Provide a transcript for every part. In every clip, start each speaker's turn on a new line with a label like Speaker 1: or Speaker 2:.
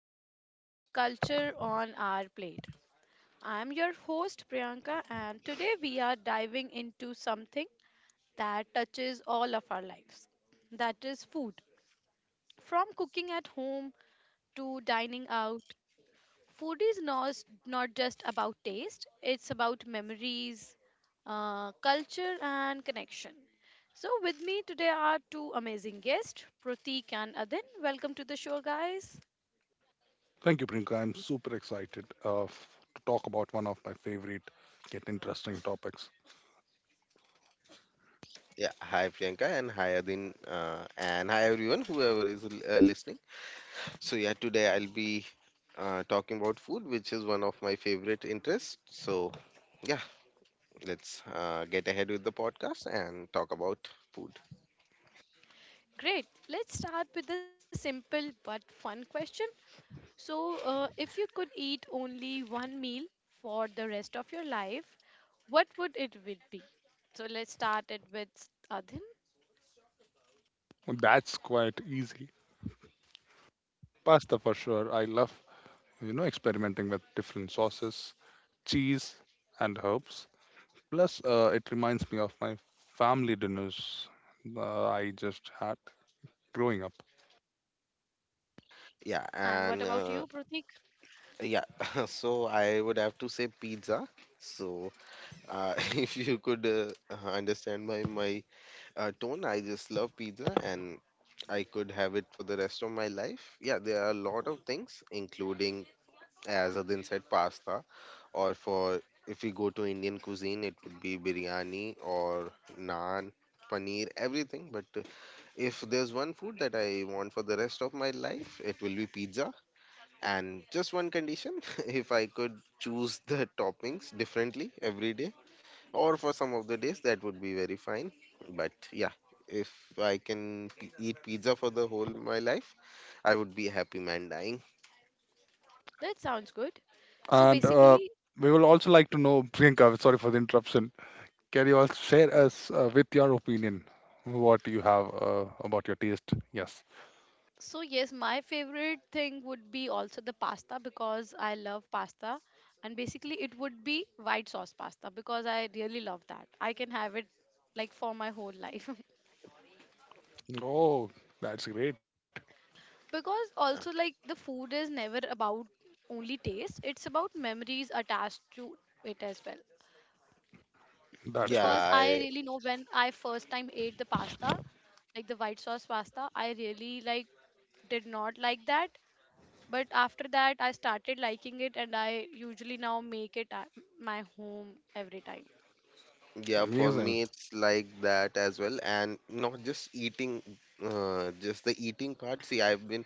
Speaker 1: to the Culture on Our Plate. I'm your host, Priyanka, and today we are diving into something that touches all of our lives that is, food. From cooking at home to dining out, food is not just about taste, it's about memories, culture, and connection. So, with me today are two amazing guests, Pratik and Adin. Welcome to the show, guys.
Speaker 2: Thank you, Priyanka. I'm super excited to talk about one of my favorite, yet interesting topics.
Speaker 3: Yeah, hi Priyanka and hi Adin and hi everyone whoever is listening. So yeah, today I'll be talking about food, which is one of my favorite interests. So yeah, let's get ahead with the podcast and talk about food.
Speaker 1: Great. Let's start with the simple but fun question. So, if you could eat only one meal for the rest of your life, what would it would be? So, let's start it with Adhin.
Speaker 2: And That's quite easy. Pasta for sure. I love experimenting with different sauces, cheese, and herbs. Plus, it reminds me of my family dinners I just had growing up.
Speaker 3: Yeah,
Speaker 1: And what
Speaker 3: and
Speaker 1: about you, Pratik?
Speaker 3: yeah, so I would have to say pizza. So if you could understand my tone, I just love pizza and I could have it for the rest of my life. Yeah, there are a lot of things, including, as Adin said, pasta, or for if we go to Indian cuisine, it would be biryani or naan, paneer, everything. But if there's one food that I want for the rest of my life, it will be pizza. And just one condition, if I could choose the toppings differently every day or for some of the days, that would be very fine, but yeah, if I can eat pizza for the whole my life, I would be a happy man dying.
Speaker 1: That sounds good. So,
Speaker 2: And
Speaker 1: basically,
Speaker 2: we will also like to know, Priyanka, sorry for the interruption. Can you also share us with your opinion what you have about your taste? Yes.
Speaker 1: so yes, my favorite thing would be also the pasta because I love pasta. And basically, it would be white sauce pasta because I really love that. I can have it like for my whole life.
Speaker 2: Oh, that's great.
Speaker 1: Because also like the food is never about only taste, it's about memories attached to it as well.
Speaker 2: That's
Speaker 3: yeah
Speaker 1: Because
Speaker 2: correct.
Speaker 1: I
Speaker 3: I,
Speaker 1: really know when I first time ate the pasta, like the white sauce pasta, I really like did not like that. But after that I started liking it, and I usually now make it at my home every time.
Speaker 3: yeah, for
Speaker 2: Amazing.
Speaker 3: me it's like that as well, and not just eating, just the eating part. See, I've been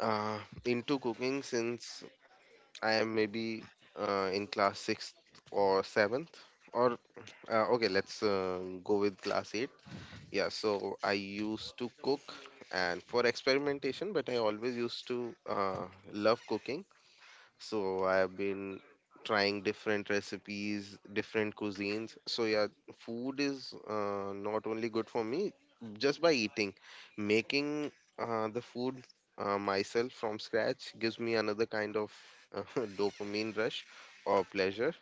Speaker 3: uh, into cooking since I am maybe in class 6th or 7th or okay, let's go with class 8. Yeah, so I used to cook and for experimentation, but I always used to love cooking. So I've been trying different recipes, different cuisines. So yeah, food is not only good for me just by eating. Making the food myself from scratch gives me another kind of uh, dopamine rush or pleasure.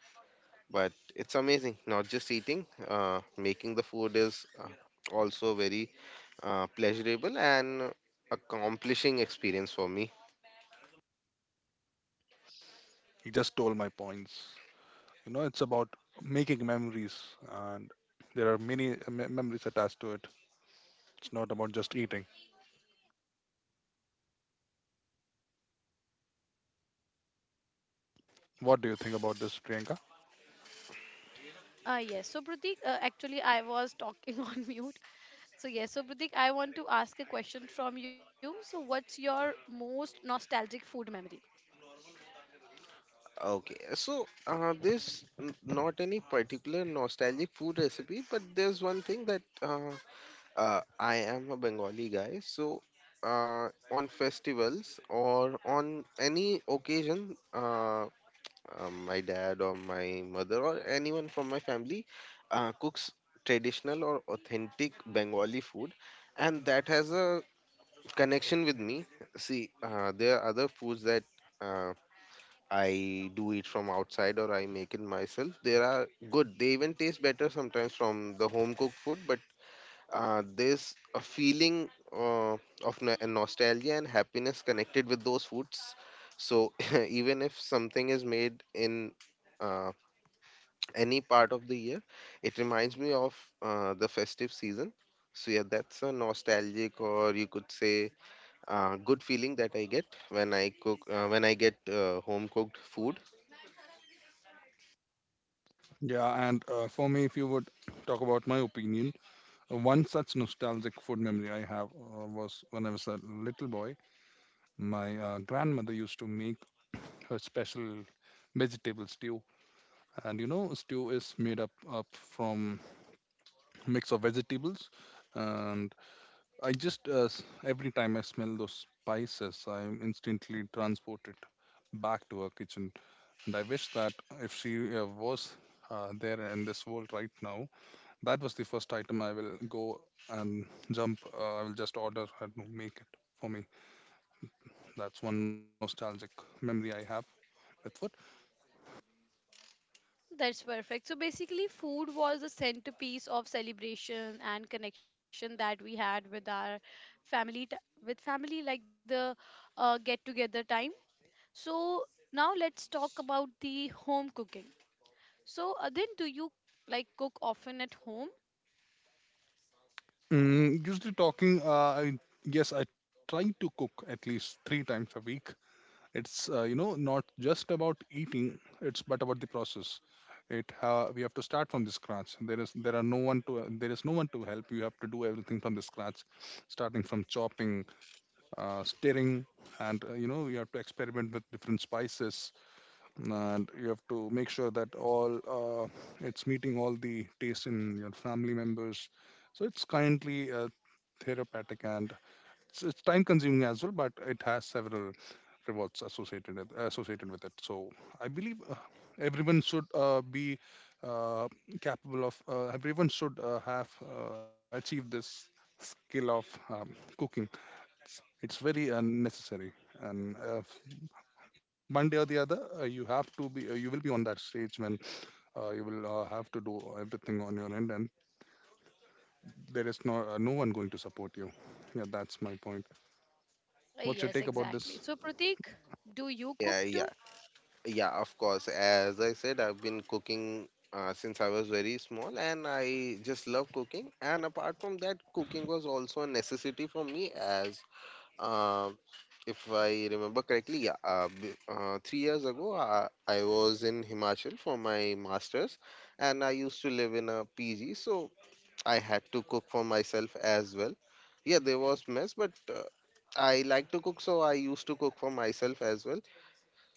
Speaker 3: But it's amazing, not just eating. Making the food is also a very pleasurable and accomplishing experience for me.
Speaker 2: You just stole my points. You know, it's about making memories, and there are many memories attached to it. It's not about just eating. What do you think about this, Priyanka?
Speaker 1: Yes, so Pratik, actually I was talking on mute. So yes, so Pratik, I want to ask a question from you. So what's your most nostalgic food memory?
Speaker 3: Okay, so there's not any particular nostalgic food recipe, but there's one thing that I am a Bengali guy, so on festivals or on any occasion, my dad or my mother or anyone from my family cooks traditional or authentic Bengali food, and that has a connection with me. See, there are other foods that uh, I do it from outside or I make it myself. They are good. They even taste better sometimes from the home cooked food. But there's a feeling of nostalgia and happiness connected with those foods. So even if something is made in uh, any part of the year, it reminds me of the festive season. So yeah, that's a nostalgic, or you could say good feeling that I get when I cook, when I get home cooked food.
Speaker 2: Yeah, and for me, if you would talk about my opinion, one such nostalgic food memory I have was when I was a little boy. My grandmother used to make her special vegetable stew, and you know, stew is made up from mix of vegetables. And I just every time I smell those spices, I'm instantly transported back to her kitchen. And I wish that if she was there in this world right now, that was the first item I will go and jump. I will just order her to make it for me. That's one nostalgic memory I have with food.
Speaker 1: That's perfect. So basically, food was the centerpiece of celebration and connection that we had with our family, t- with family, like the get-together time. So now let's talk about the home cooking. So Adin, do you like cook often at home?
Speaker 2: Usually talking, I yes, I try to cook at least three times a week. It's not just about eating, it's but about the process. We have to start from the scratch. There are no one to, there is no one to help. You have to do everything from the scratch, starting from chopping, stirring, and you have to experiment with different spices. And you have to make sure that all it's meeting all the tastes in your family members. So it's kindly therapeutic, and it's time consuming as well, but it has several rewards associated with it. So I believe everyone should be uh, capable of. Everyone should have achieved this skill of cooking. It's very necessary, and one day or the other, you have to be. You will be on that stage when you will have to do everything on your end, and there is no one going to support you. Yeah, that's my point. What's your
Speaker 1: Yes,
Speaker 2: take about
Speaker 1: exactly.
Speaker 2: this?
Speaker 1: So Pratik, do you cook
Speaker 3: Yeah, yeah,
Speaker 1: too?
Speaker 3: yeah. Of course, as I said, I've been cooking since I was very small, and I just love cooking. And apart from that, cooking was also a necessity for me. As uh, if I remember correctly, yeah, 3 years ago, I was in Himachal for my masters, and I used to live in a PG. So I had to cook for myself as well. Yeah, there was mess, but I like to cook, so I used to cook for myself as well.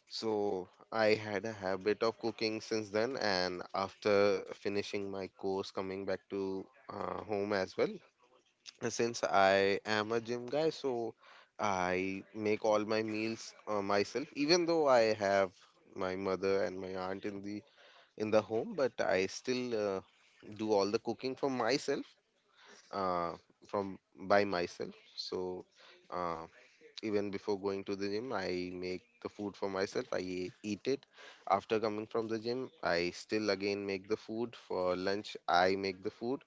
Speaker 3: So I had a habit of cooking since then, and after finishing my course, coming back to home as well. And since I am a gym guy, so I make all my meals myself, even though I have my mother and my aunt in the home, but I still do all the cooking for myself uh, from by myself. So uh, even before going to the gym, I make the food for myself. I eat it. After coming from the gym, I still again make the food for lunch. I make the food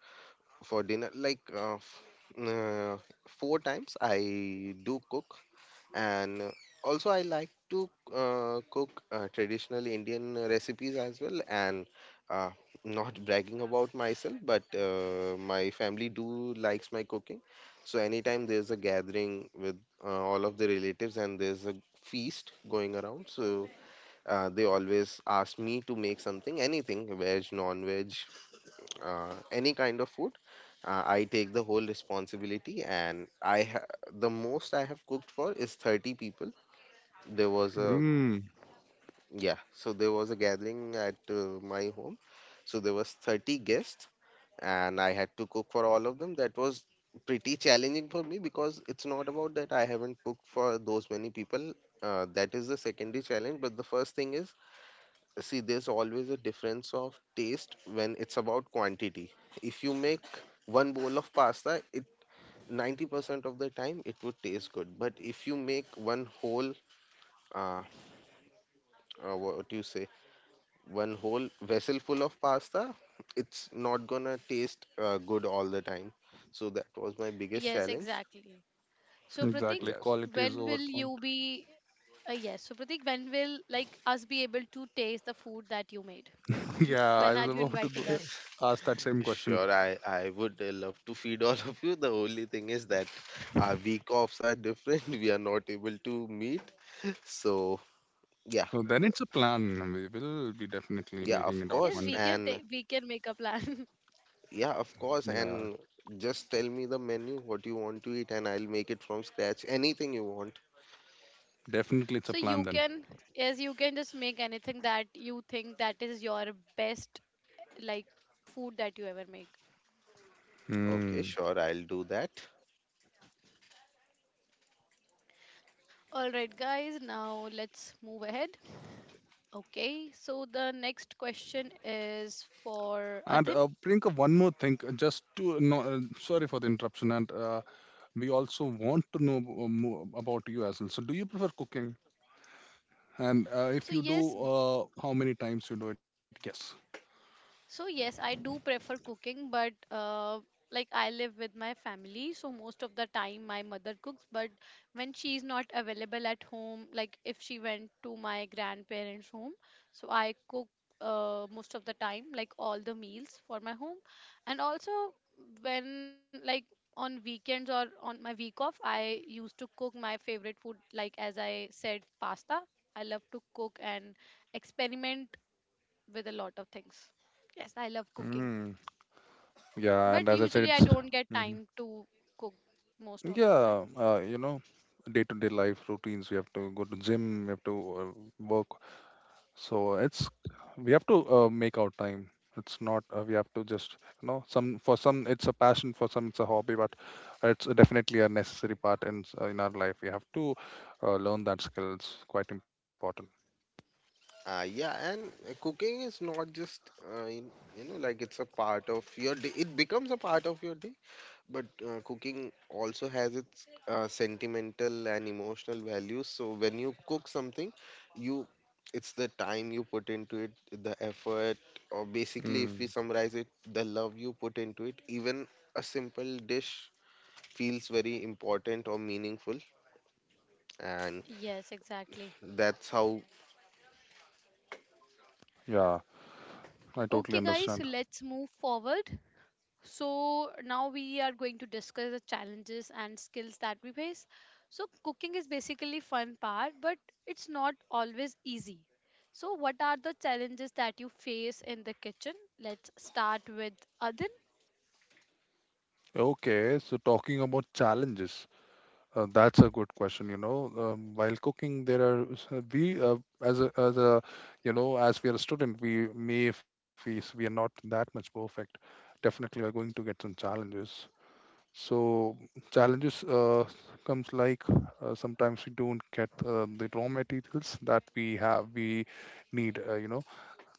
Speaker 3: for dinner. Like uh, four times I do cook, and also I like to cook traditional indian recipes as well, and uh, not bragging about myself, but my family do likes my cooking. So anytime there's a gathering with all of the relatives and there's a feast going around, so they always ask me to make something, anything, veg, non veg, any kind of food, I take the whole responsibility, and the most I have cooked for is 30 people. There was a
Speaker 2: Mm,
Speaker 3: Yeah, so there was a gathering at my home, so there was 30 guests, and I had to cook for all of them. That was pretty challenging for me, because it's not about that I haven't cooked for those many people, that is the secondary challenge, but the first thing is, see, there's always a difference of taste when it's about quantity. If you make one bowl of pasta, it 90% of the time it would taste good, but if you make one whole uh, what do you say, one whole vessel full of pasta, it's not gonna taste good all the time. So that was my biggest
Speaker 1: Yes,
Speaker 3: challenge.
Speaker 1: exactly. So Pratik,
Speaker 2: exactly.
Speaker 3: Yes,
Speaker 1: when
Speaker 2: Quality
Speaker 1: will
Speaker 2: is over.
Speaker 1: you be? Yes. So Pratik, when will like us be able to taste the food that you made?
Speaker 2: Yeah, I
Speaker 1: When
Speaker 2: was
Speaker 1: are you
Speaker 2: about to go,
Speaker 1: inviting us?
Speaker 2: ask that same question.
Speaker 3: sure. I would love to feed all of you. The only thing is that our week offs are different. We are not able to meet. So yeah,
Speaker 2: So then it's a plan. We will be definitely
Speaker 3: yeah,
Speaker 2: making
Speaker 3: of
Speaker 2: it out
Speaker 1: Yes,
Speaker 3: course,
Speaker 2: one
Speaker 1: we
Speaker 2: day.
Speaker 1: can
Speaker 3: and
Speaker 1: we can make a plan.
Speaker 3: yeah, of course,
Speaker 2: Yeah,
Speaker 3: and just tell me the menu, what you want to eat, and I'll make it from scratch. Anything you want.
Speaker 2: definitely it's a
Speaker 1: So
Speaker 2: plan
Speaker 1: you
Speaker 2: then.
Speaker 1: can, yes, you can just make anything that you think that is your best, like food that you ever make.
Speaker 2: Hmm.
Speaker 3: Okay, sure, I'll do that.
Speaker 1: All right, guys. Now let's move ahead. Okay, so the next question is for
Speaker 2: And
Speaker 1: Adin.
Speaker 2: Priyanka, one more thing, just to no, sorry for the interruption, and we also want to know more about you as well. So, do you prefer cooking? And if
Speaker 1: So
Speaker 2: you
Speaker 1: yes,
Speaker 2: do, how many times you do it? Yes.
Speaker 1: So yes, I do prefer cooking, but like I live with my family, so most of the time my mother cooks. But when she's not available at home, like if she went to my grandparents' home, so I cook most of the time, like all the meals for my home, and also when like on weekends or on my week off, I used to cook my favorite food, like as I said, pasta. I love to cook and experiment with a lot of things. Yes, I love cooking,
Speaker 2: Mm. Yeah, and
Speaker 1: but
Speaker 2: as I said,
Speaker 1: usually I
Speaker 2: it's.
Speaker 1: don't get
Speaker 2: Mhm.
Speaker 1: time to cook most of the time.
Speaker 2: Yeah, you know, day-to-day life routines. We have to go to gym. We have to work. So it's we have to make our time. It's not we have to just you know, some for some it's a passion, for some it's a hobby, but it's definitely a necessary part in in our life. We have to learn that skill. It's quite important.
Speaker 3: Yeah, and cooking is not just in, you know, like it's a part of your day. It becomes a part of your day, but cooking also has its sentimental and emotional value. So when you cook something, you, it's the time you put into it, the effort, or basically if we
Speaker 2: Mm,
Speaker 3: summarize it, the love you put into it. Even a simple dish feels very important or meaningful, and
Speaker 1: Yes, exactly.
Speaker 3: that's how.
Speaker 2: yeah, I totally
Speaker 1: Okay, guys, so
Speaker 2: understand.
Speaker 1: let's move forward. So now we are going to discuss the challenges and skills that we face. So cooking is basically fun part, but it's not always easy. So what are the challenges that you face in the kitchen? Let's start with Adin.
Speaker 2: Okay, so talking about challenges. That's a good question. You know, while cooking, there are s- we as a you know, as we are a student, we may face we are not that much perfect. Definitely, we are going to get some challenges. So challenges comes like sometimes we don't get the raw materials that we have we need. You know,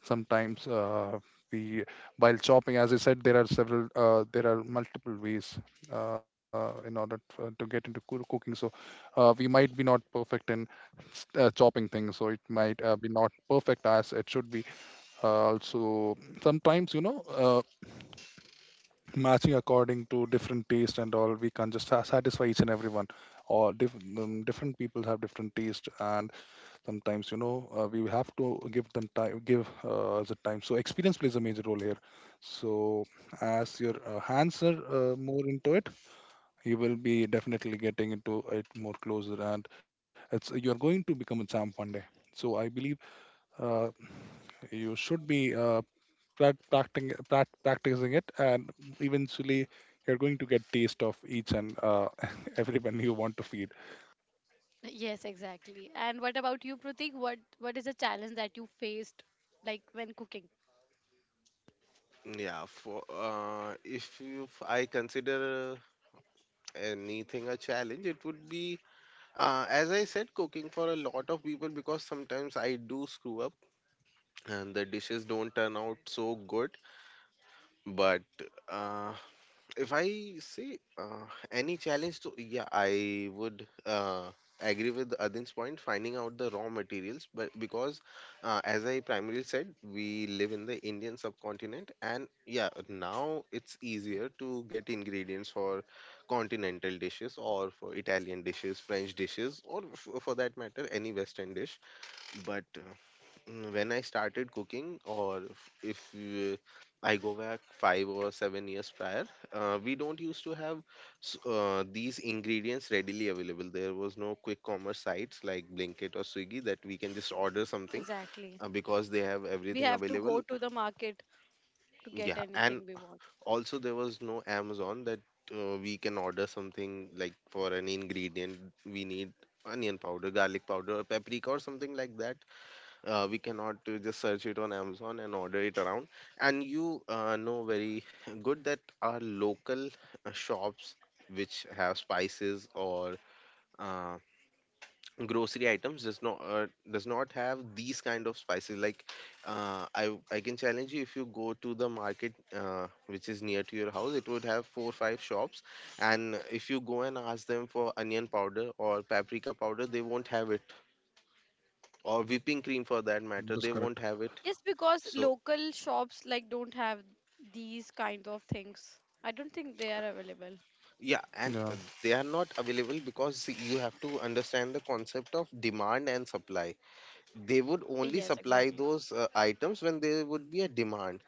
Speaker 2: sometimes we, while chopping, as I said, there are multiple ways in order to get into cooking. So we might be not perfect in chopping things, so it might be not perfect as it should be. Also, sometimes, you know, uh, matching according to different taste and all, we can just satisfy each and everyone, or different people have different taste, and sometimes, you know, we have to give them time, give the time. So experience plays a major role here. So as your hands are more into it, you will be definitely getting into it more closer, and it's you're going to become a champ one day. So I believe uh, you should be practicing, practicing it, and eventually you're going to get taste of each and everyone you want to feed.
Speaker 1: Yes, exactly. And what about you, Pratik? What is a challenge that you faced like when cooking?
Speaker 3: Yeah, for if I consider anything a challenge, it would be, as I said, cooking for a lot of people, because sometimes I do screw up and the dishes don't turn out so good. But uh, if I say any challenge to, yeah, I would agree with Adin's point, finding out the raw materials. But because, as I primarily said, we live in the Indian subcontinent, and yeah, now it's easier to get ingredients for continental dishes or for Italian dishes, French dishes, or for that matter, any Western dish. But uh, When I started cooking, or if, I go back 5 or 7 years prior, we don't used to have these ingredients readily available. There was no quick commerce sites like Blinkit or Swiggy that we can just order something
Speaker 1: Exactly.
Speaker 3: because they have
Speaker 1: We
Speaker 3: everything
Speaker 1: have to go
Speaker 3: available.
Speaker 1: to the market to get
Speaker 3: Yeah, and
Speaker 1: anything we want.
Speaker 3: also there was no Amazon that we can order something like, for an ingredient we need onion powder, garlic powder, paprika, or something like that, we cannot just search it on Amazon and order it around. And you know very good that our local shops which have spices or uh, grocery items does not have these kind of spices. Like I can challenge you, if you go to the market which is near to your house, it would have four or five shops, and if you go and ask them for onion powder or paprika powder, they won't have it, or whipping cream for that matter, they
Speaker 2: That is
Speaker 3: won't have
Speaker 2: correct.
Speaker 3: it.
Speaker 1: Yes, because
Speaker 3: So
Speaker 1: local shops like don't have these kind of things. I don't think they are available.
Speaker 3: yeah, and
Speaker 2: Yeah.
Speaker 3: they are not available because you have to understand the concept of demand and supply. They would only
Speaker 1: Yes,
Speaker 3: supply
Speaker 1: exactly.
Speaker 3: those items when there would be a demand.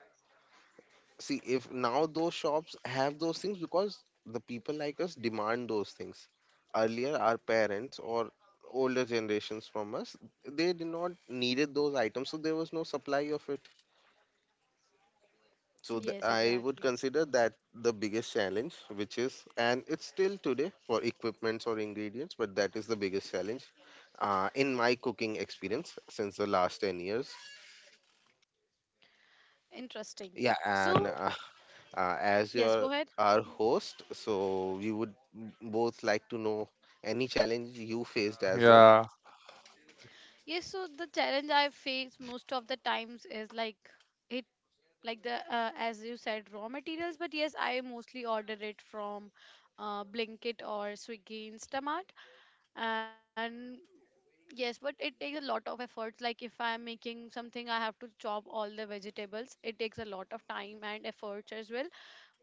Speaker 3: See, if now those shops have those things, because the people like us demand those things. Earlier, our parents or older generations from us, they did not needed those items, so there was no supply of it. So
Speaker 1: Yes,
Speaker 3: I would
Speaker 1: exactly.
Speaker 3: consider that the biggest challenge, which is, and it's still today for equipments or ingredients, but that is the biggest challenge in my cooking experience since the last 10 years.
Speaker 1: Interesting.
Speaker 3: Yeah, and
Speaker 1: So,
Speaker 3: as
Speaker 1: yes,
Speaker 3: your
Speaker 1: go ahead.
Speaker 3: our host, so we would both like to know any challenge you faced as well.
Speaker 2: Yeah.
Speaker 1: Yes, so the challenge I face most of the times is like it, like the as you said, raw materials. But yes, I mostly order it from Blinkit or Swiggy Instamart. And yes, but it takes a lot of efforts. Like if I am making something, I have to chop all the vegetables. It takes a lot of time and efforts as well,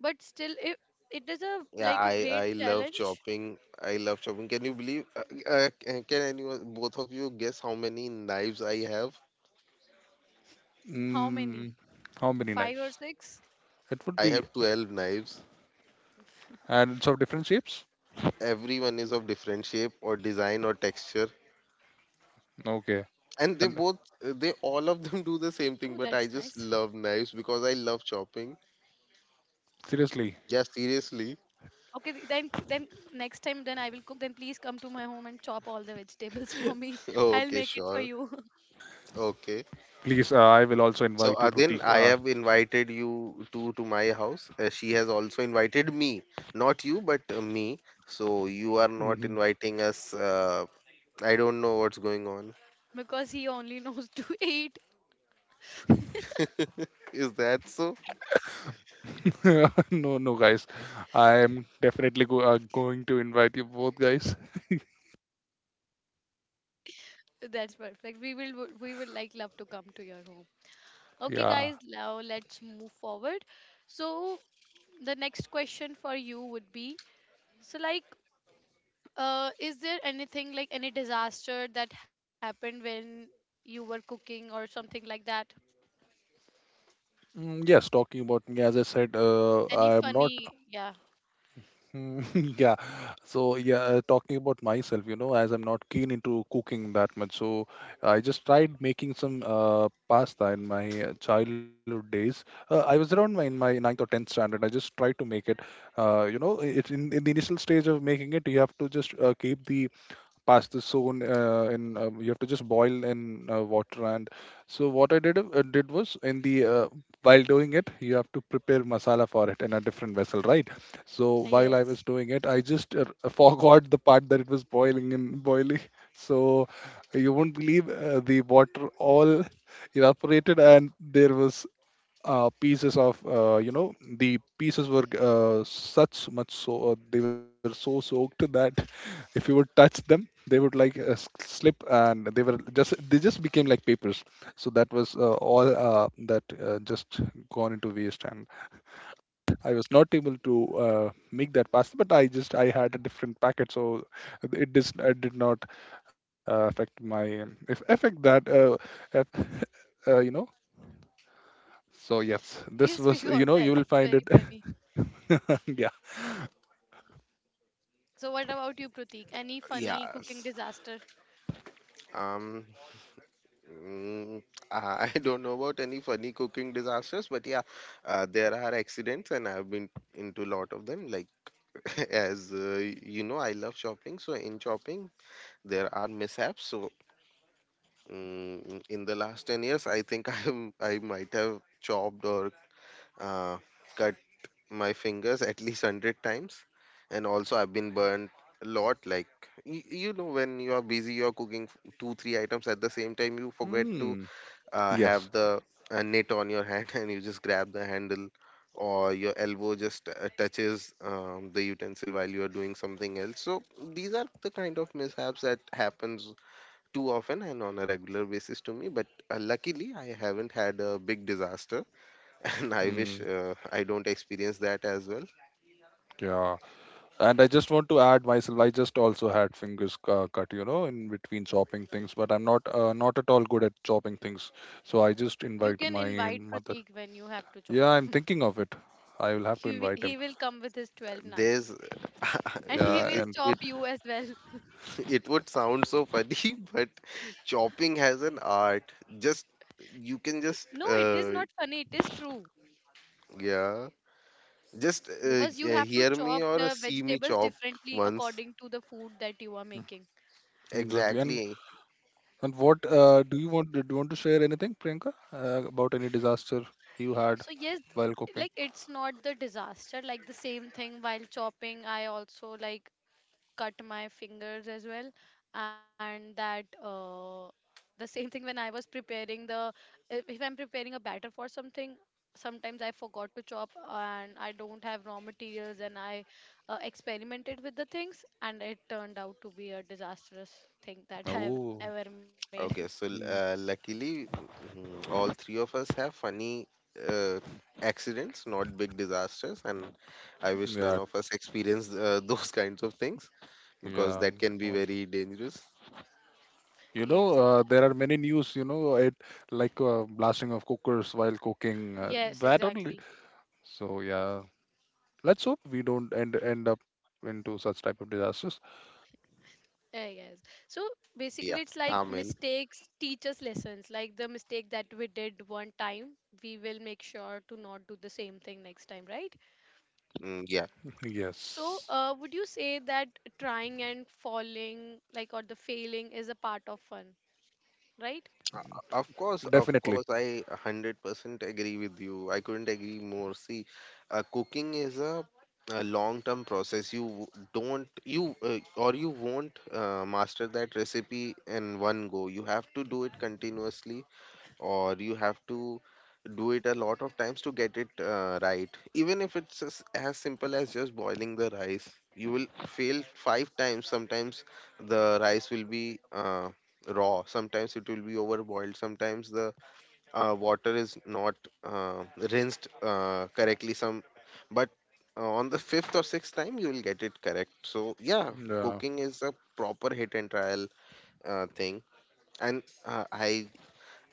Speaker 1: but still it is a
Speaker 3: Yeah,
Speaker 1: like a
Speaker 3: I
Speaker 1: great
Speaker 3: I love
Speaker 1: challenge.
Speaker 3: chopping. I love chopping. Can you believe? Can anyone, both of you, guess how many knives I have?
Speaker 1: How many,
Speaker 2: mm, how many
Speaker 1: five or
Speaker 2: knives?
Speaker 1: six?
Speaker 2: It would
Speaker 3: I
Speaker 2: be
Speaker 3: have 12 knives.
Speaker 2: and so different shapes.
Speaker 3: Everyone is of different shape or design or texture,
Speaker 2: Okay,
Speaker 3: and they
Speaker 2: and
Speaker 3: both
Speaker 1: Oh,
Speaker 3: they
Speaker 1: that's
Speaker 3: all of
Speaker 1: nice.
Speaker 3: them do the same thing, but I just love knives because I love chopping.
Speaker 2: seriously,
Speaker 3: Yeah,
Speaker 1: Okay,
Speaker 3: seriously.
Speaker 1: then next time then I will cook. Then please come to my home and chop all the vegetables for me.
Speaker 3: Oh,
Speaker 1: I'll
Speaker 3: okay,
Speaker 1: make it for
Speaker 3: sure.
Speaker 1: you.
Speaker 3: Okay,
Speaker 2: please, I will also
Speaker 3: so
Speaker 2: invite you,
Speaker 3: Adin,
Speaker 2: Pratik.
Speaker 3: I have invited you to my house. She has also invited me, not you but me. So you are
Speaker 2: Hmm.
Speaker 3: not inviting us, I don't know what's going on.
Speaker 1: Because he only knows to eat.
Speaker 3: Is that so?
Speaker 2: No, no, guys, I am definitely going to invite you both, guys.
Speaker 1: That's perfect. We will like love to come to your home. Okay,
Speaker 2: Yeah.
Speaker 1: guys, now let's move forward. So the next question for you would be so like is there anything like any disaster that happened when you were cooking or something like that?
Speaker 2: Yes, talking about me, as I said,
Speaker 1: Any
Speaker 2: I am not.
Speaker 1: funny? Yeah.
Speaker 2: Mm, yeah. So yeah, talking about myself, you know, as I'm not keen into cooking that much, so I just tried making some pasta in my childhood days. I was around my in my ninth or 10th standard. I just tried to make it. You know, it's in the initial stage of making it, you have to just keep the pasta soon in you have to just boil in water. And so what I did was in the while doing it you have to prepare masala for it in a different vessel, right? So while I was
Speaker 1: Yes.
Speaker 2: doing it, I just forgot the part that it was boiling in boiling so you won't believe, the water all evaporated. And there was pieces of, you know, the pieces were such much so they were so soaked that if you would touch them they would like slip, and they were just they just became like papers. So that was all that just gone into waste. And I was not able to make that pasta. But I just I had a different packet, so it did not affect my if affect that if, you know. So yes, this
Speaker 1: Yes, we
Speaker 2: was,
Speaker 1: got
Speaker 2: you know,
Speaker 1: that.
Speaker 2: you will
Speaker 1: It's
Speaker 2: find
Speaker 1: very
Speaker 2: it.
Speaker 1: funny.
Speaker 2: Yeah.
Speaker 1: So, what about you, Pratik? Any funny cooking
Speaker 3: Yes.
Speaker 1: disaster?
Speaker 3: um Mm, I don't know about any funny cooking disasters, but yeah, there are accidents, and I've been into a lot of them. Like, as you know, I love shopping, so in shopping there are mishaps. So, mm, in the last 10 years, I think I might have chopped or uh, cut my fingers at least 100 times, and also I've been burned a lot. Like, you know, when you are busy, you're cooking two, three items at the same time, you forget to
Speaker 2: Mm. Yes.
Speaker 3: have the net on your hand and you just grab the handle, or your elbow just touches the utensil while you are doing something else. So these are the kind of mishaps that happens too often and on a regular basis to me, but luckily I haven't had a big disaster, and I wish
Speaker 2: Mm.
Speaker 3: I don't experience that as well.
Speaker 2: Yeah. And I just want to add myself. I just also had fingers cut, you know, in between chopping things. But I'm not not at all good at chopping things. So I just
Speaker 1: You
Speaker 2: invite
Speaker 1: can
Speaker 2: my
Speaker 1: invite
Speaker 2: mother.
Speaker 1: Pratik when you have to chop.
Speaker 2: Yeah, I'm thinking of it. I will have to
Speaker 1: He, wi-
Speaker 2: invite him.
Speaker 1: he will come with his 12
Speaker 3: There's
Speaker 1: knives and he
Speaker 2: Yeah.
Speaker 3: it
Speaker 1: will
Speaker 2: And
Speaker 1: chop
Speaker 3: it
Speaker 1: you as well.
Speaker 3: it would sound so funny, but chopping has an art. Just you can just
Speaker 1: No, it is not funny. It is true.
Speaker 3: Yeah. Just
Speaker 1: Because you have to
Speaker 3: hear me
Speaker 1: chop
Speaker 3: or
Speaker 1: the
Speaker 3: see me
Speaker 1: vegetables
Speaker 3: chop
Speaker 1: differently
Speaker 3: once.
Speaker 1: according to the food that you are making.
Speaker 2: mhm, exactly. And
Speaker 3: Exactly.
Speaker 2: and what do you want? Do you want to share anything, Priyanka, about any disaster you had
Speaker 1: So, yes,
Speaker 2: while cooking?
Speaker 1: like it's not the disaster. Like the same thing, while chopping I also like cut my fingers as well. And that the same thing when I was preparing the, if I'm preparing a batter for something, sometimes I forgot to chop and I don't have raw materials, and I experimented with the things and it turned out to be a disastrous thing that I have
Speaker 2: Oh,
Speaker 1: ever made.
Speaker 3: Okay, so
Speaker 2: mm,
Speaker 3: luckily, mm, all three of us have funny uh, accidents, not big disasters, and I wish none
Speaker 2: yeah,
Speaker 3: of us experience those kinds of things, because
Speaker 2: yeah,
Speaker 3: that
Speaker 2: I'm
Speaker 3: can be
Speaker 2: not sure.
Speaker 3: very dangerous.
Speaker 2: You know,
Speaker 1: Yes, exactly.
Speaker 2: there are many news, you know, it like blasting of cookers while cooking,
Speaker 1: Yes,
Speaker 2: that only.
Speaker 1: exactly.
Speaker 2: So yeah, let's hope we don't end up into such type of disasters.
Speaker 1: Yes. So basically, it's
Speaker 3: Yeah,
Speaker 1: like
Speaker 3: amen.
Speaker 1: mistakes teach us lessons. Like the mistake that we did one time, we will make sure to not do the same thing next time, right?
Speaker 3: Mm, yeah.
Speaker 1: So,
Speaker 2: Yes,
Speaker 1: would you say that trying and falling, like, or the failing is a part of fun, right?
Speaker 3: Of
Speaker 2: definitely.
Speaker 3: course, I 100% agree with you. I couldn't agree more. See, cooking is a long-term process. You w- don't, you or you won't master that recipe in one go. You have to do it continuously, or you have to do it a lot of times to get it right. Even if it's as simple as just boiling the rice, you will fail 5 times. Sometimes the rice will be raw, sometimes it will be overboiled, sometimes the water is not uh, rinsed correctly, some, but on the fifth or sixth time you will get it correct. So yeah,
Speaker 2: Yeah,
Speaker 3: cooking is a proper hit and trial thing, and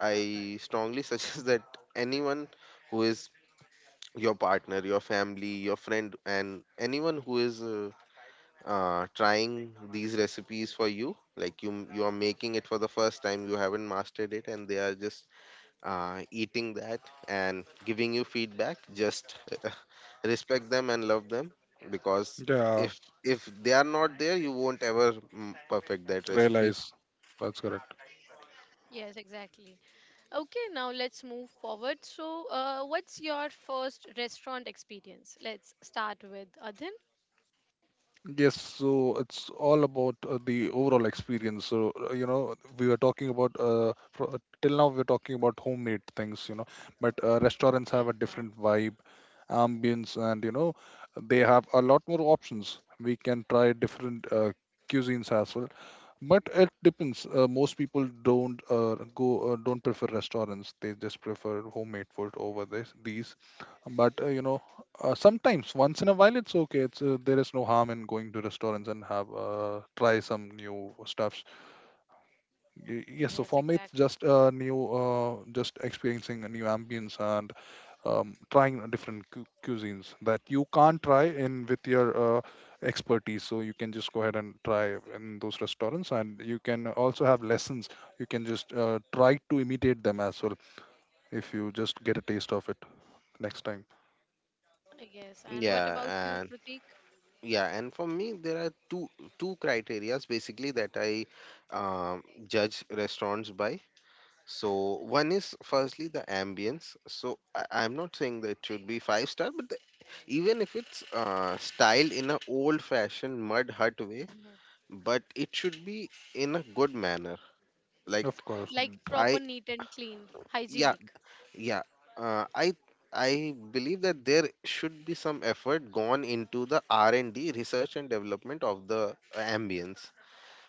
Speaker 3: I strongly suggest that anyone who is your partner, your family, your friend, and anyone who is trying these recipes for you, like you are making it for the first time, you haven't mastered it, and they are just eating that and giving you feedback. Just respect them and love them, because
Speaker 2: yeah,
Speaker 3: if they are not there, you won't ever mm, perfect that recipe.
Speaker 2: realize that's correct.
Speaker 1: Yes, exactly. Okay, now let's move forward. So, what's your first restaurant experience? Let's start with Adhin.
Speaker 2: Yes, so it's all about the overall experience. So, you know, we were talking about till now we are talking about homemade things, you know. But restaurants have
Speaker 1: Yeah.
Speaker 2: a different vibe, ambience, and you know, they have a lot more options. We can try different cuisines as well. But it depends, most people don't go don't prefer restaurants. They just prefer homemade food over this these. But you know, sometimes once in a while it's okay. It's there is no harm in going to restaurants and have try some new stuffs. Yes, so for me
Speaker 1: Yes,
Speaker 2: it's just
Speaker 1: exactly.
Speaker 2: new, just experiencing a new ambience, and trying different cuisines that you can't try in with your uh, expertise. So you can just go ahead and try in those restaurants, and you can also have lessons. You can just try to imitate them as well if you just get a taste of it next time.
Speaker 1: Yes. And what about you,
Speaker 3: Yeah,
Speaker 1: Pratik?
Speaker 3: yeah, and for me, there are two criterias basically that I judge restaurants by. So one is firstly the ambience. So I'm not saying that it should be five star, but even if it's styled in a old fashioned mud hut way,
Speaker 1: Mm-hmm.
Speaker 3: but it should be in a good manner. Like
Speaker 2: Of course.
Speaker 1: Like proper,
Speaker 3: I
Speaker 1: neat and clean,
Speaker 3: yeah
Speaker 1: hygienic.
Speaker 3: yeah uh, I I believe that there should be some effort gone into the R and D, research and development, of the ambience.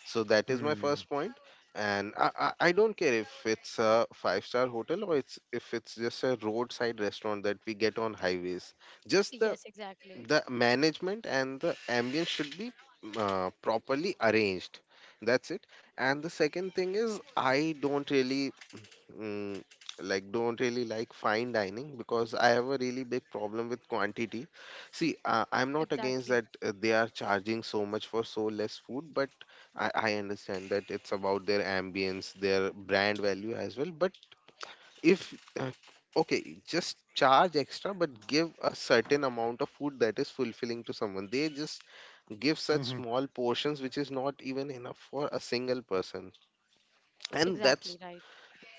Speaker 3: So that is my first
Speaker 2: Mm.
Speaker 3: point. And I don't care if it's a five-star hotel or it's if it's just a roadside restaurant that we get on highways. Just
Speaker 1: Yes, exactly.
Speaker 3: the management and the ambience should be properly arranged. That's it. And the second thing is I don't really mm, like, don't really like fine dining, because I have a really big problem with quantity. See, I'm not against
Speaker 1: Exactly.
Speaker 3: that they are charging so much for so less food, but I understand that it's about their ambience, their brand value as well. But if uh, okay, just charge extra, but give a certain amount of food that is fulfilling to someone. They just give such
Speaker 2: Mhm.
Speaker 3: small portions, which is not even enough for a single person, and
Speaker 1: Exactly right.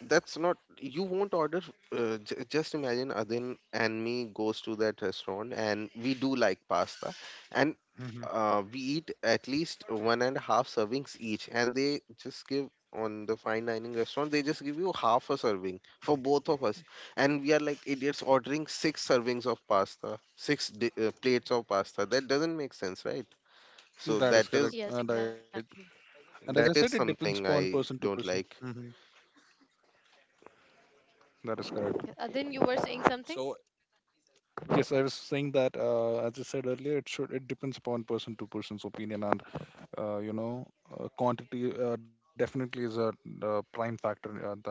Speaker 3: that's not you won't order just imagine Adin and me goes to that restaurant and we do like pasta, and
Speaker 2: Mhm.
Speaker 3: we eat at least one and a half servings each, and they just give, on the fine dining restaurant, they just give you half a serving for both of us, and we are like idiots ordering six servings of pasta, plates of pasta. That doesn't make sense, right? So
Speaker 2: That is correct,
Speaker 1: Yes,
Speaker 2: and I
Speaker 1: exactly.
Speaker 2: and as I said, it
Speaker 3: that is
Speaker 2: depends upon
Speaker 3: something
Speaker 2: person to
Speaker 3: I
Speaker 2: person.
Speaker 3: don't like.
Speaker 2: Mhm. That is correct.
Speaker 1: Uh, then you were saying something.
Speaker 2: Yes, I was saying that as I said earlier, it should it depends upon person to person's opinion. And you know, quantity definitely is a, prime factor that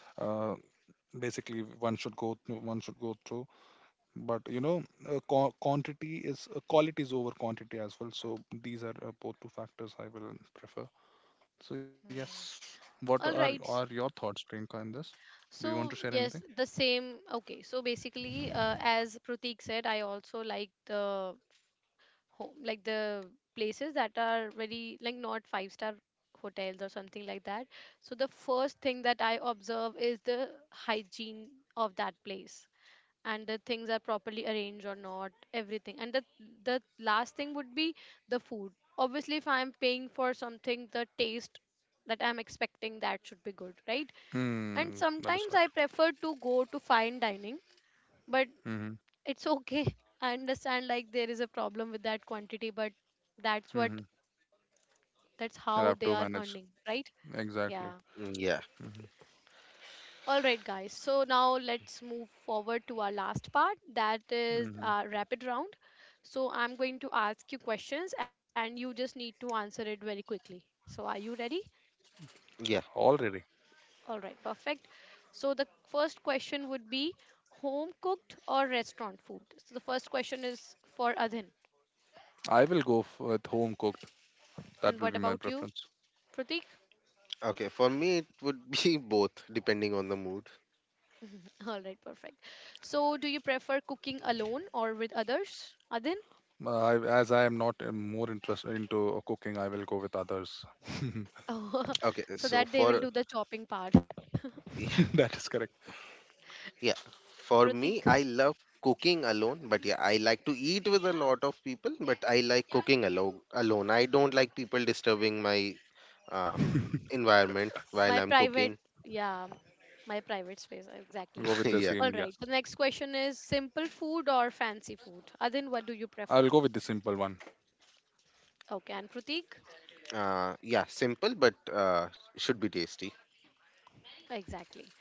Speaker 2: uh, basically one should go through, but you know quantity is quality is over quantity as well. So these are both two factors I will prefer. So yes,
Speaker 1: Hmm.
Speaker 2: what are
Speaker 1: All
Speaker 2: are
Speaker 1: right,
Speaker 2: your thoughts, Priyanka, in this? Do you want to share
Speaker 1: so
Speaker 2: anything?
Speaker 1: yes, the same. Okay, so basically, as Pratik said, I also like the home, like the places that are very like not five-star hotels or something like that. So the first thing that I observe is the hygiene of that place, and the things are properly arranged or not, everything. And the last thing would be the food. Obviously, if I'm paying for something, the taste that I'm expecting, that should be good, right? And
Speaker 2: Hmm, that is
Speaker 1: sometimes
Speaker 2: right.
Speaker 1: I prefer to go to fine dining, but
Speaker 2: Mm-hmm.
Speaker 1: it's okay. I understand, like there is a problem with that quantity, but that's what,
Speaker 2: Mm-hmm.
Speaker 1: that's how they
Speaker 2: You'll
Speaker 1: are
Speaker 2: have to
Speaker 1: earning,
Speaker 2: manage.
Speaker 1: right? Yeah.
Speaker 2: Exactly.
Speaker 3: Mm, yeah.
Speaker 2: Mm-hmm.
Speaker 1: All right, guys. So now let's move forward to our last part, that is
Speaker 2: Mm-hmm.
Speaker 1: rapid round. So I'm going to ask you questions and you just need to answer it very quickly. So are you ready?
Speaker 3: Yeah.
Speaker 2: Already.
Speaker 1: All right, perfect. So the first question would be home cooked or restaurant food? So the first question is for Adhin.
Speaker 2: I will go with home cooked. That
Speaker 1: And
Speaker 2: will
Speaker 1: what
Speaker 2: be my
Speaker 1: about you,
Speaker 2: preference.
Speaker 1: Pratik?
Speaker 3: Okay, for me it would be both depending on the mood.
Speaker 1: All right, perfect. So do you prefer cooking alone or with others, Adhin?
Speaker 2: I, as I am not more interested into cooking, I will go with others.
Speaker 1: Oh,
Speaker 3: Okay,
Speaker 1: so
Speaker 3: so
Speaker 1: that they will
Speaker 3: for
Speaker 1: do the chopping part.
Speaker 3: yeah,
Speaker 2: That is correct.
Speaker 3: yeah, for
Speaker 1: Pratik,
Speaker 3: me I love cooking alone, but yeah, I like to eat with a lot of people, but I like cooking alone. Alone, I don't like people disturbing my uh,
Speaker 2: I'll
Speaker 3: environment while
Speaker 1: my
Speaker 3: I'm
Speaker 1: private,
Speaker 3: cooking.
Speaker 1: yeah, my private space, exactly.
Speaker 2: go with the
Speaker 3: Yeah,
Speaker 1: All
Speaker 2: same,
Speaker 1: right.
Speaker 2: yes.
Speaker 1: The next question is simple food or fancy food? Adin, what do you prefer?
Speaker 2: I'll go with the simple one.
Speaker 1: Okay, and Pratik?
Speaker 3: yeah, simple but should be tasty.
Speaker 1: Exactly.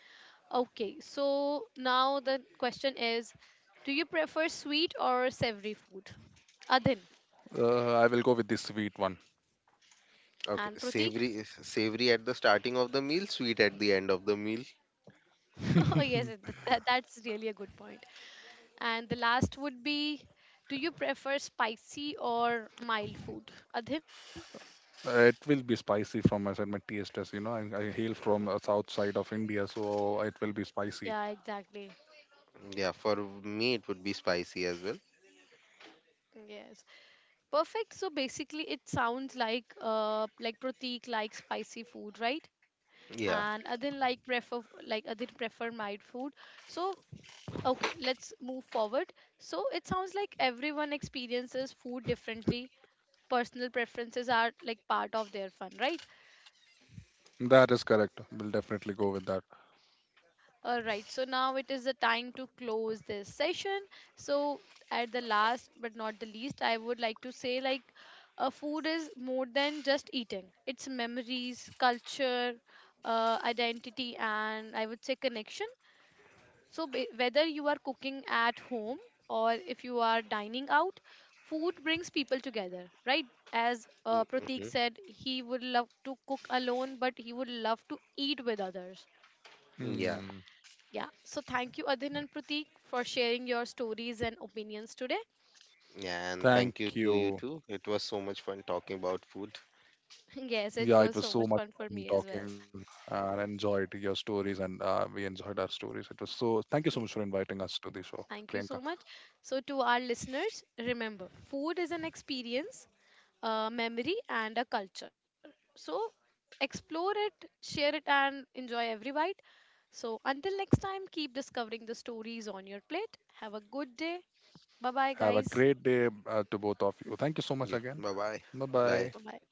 Speaker 1: Okay, so now the question is do you prefer sweet or savory food? Adin
Speaker 2: I will go with the sweet one.
Speaker 3: Okay,
Speaker 1: and Pratik?
Speaker 3: savory, savory at the starting of the meal, sweet at the end of the meal.
Speaker 1: Oh, yes, that, that's really a good point. And the last would be do you prefer spicy or mild food? Adhin?
Speaker 2: It will be spicy from my side. My taste is, you know, I hail from south side of India, so it will be spicy.
Speaker 1: Yeah, exactly.
Speaker 3: Yeah, for me it would be spicy as well.
Speaker 1: Yes. Perfect. So basically, it sounds like Pratik likes spicy food, right? And
Speaker 3: Yeah.
Speaker 1: Adin like prefer, like Adin prefer mild food. So okay, let's move forward. So it sounds like everyone experiences food differently. Personal preferences are like part of their fun, right?
Speaker 2: That is correct. We'll definitely go with that.
Speaker 1: All right, so now it is the time to close this session. So, at the last but not the least, I would like to say like food is more than just eating, it's memories, culture, identity, and I would say connection. So, whether you are cooking at home or if you are dining out, food brings people together, right? As Pratik
Speaker 3: Mm-hmm.
Speaker 1: said, he would love to cook alone, but he would love to eat with others.
Speaker 3: Yeah,
Speaker 2: Hmm.
Speaker 1: Yeah, so thank you, Adhin and Pratik, for sharing your stories and opinions today.
Speaker 3: yeah, and
Speaker 2: Thank
Speaker 3: thank you to you
Speaker 2: you.
Speaker 3: too. It was so much fun talking about food.
Speaker 2: Yeah,
Speaker 1: Yes,
Speaker 2: it was
Speaker 1: it
Speaker 2: so
Speaker 1: was so
Speaker 2: much
Speaker 1: much fun
Speaker 2: fun
Speaker 1: for me as
Speaker 2: talking,
Speaker 1: well.
Speaker 2: and enjoyed your stories, and we enjoyed our stories. It was so. Thank you so much for inviting us to the show,
Speaker 1: Thank you
Speaker 2: Priyanka.
Speaker 1: so much. So, to our listeners, remember food is an experience, a memory, and a culture. So, explore it, share it, and enjoy every bite. So, until next time, keep discovering the stories on your plate. Have a good day. Bye bye,
Speaker 2: Have a
Speaker 1: guys.
Speaker 2: great day to both of you. Thank you so much
Speaker 3: Yeah,
Speaker 2: again.
Speaker 3: bye bye.
Speaker 2: Bye
Speaker 3: Bye.
Speaker 2: bye.
Speaker 1: Bye bye.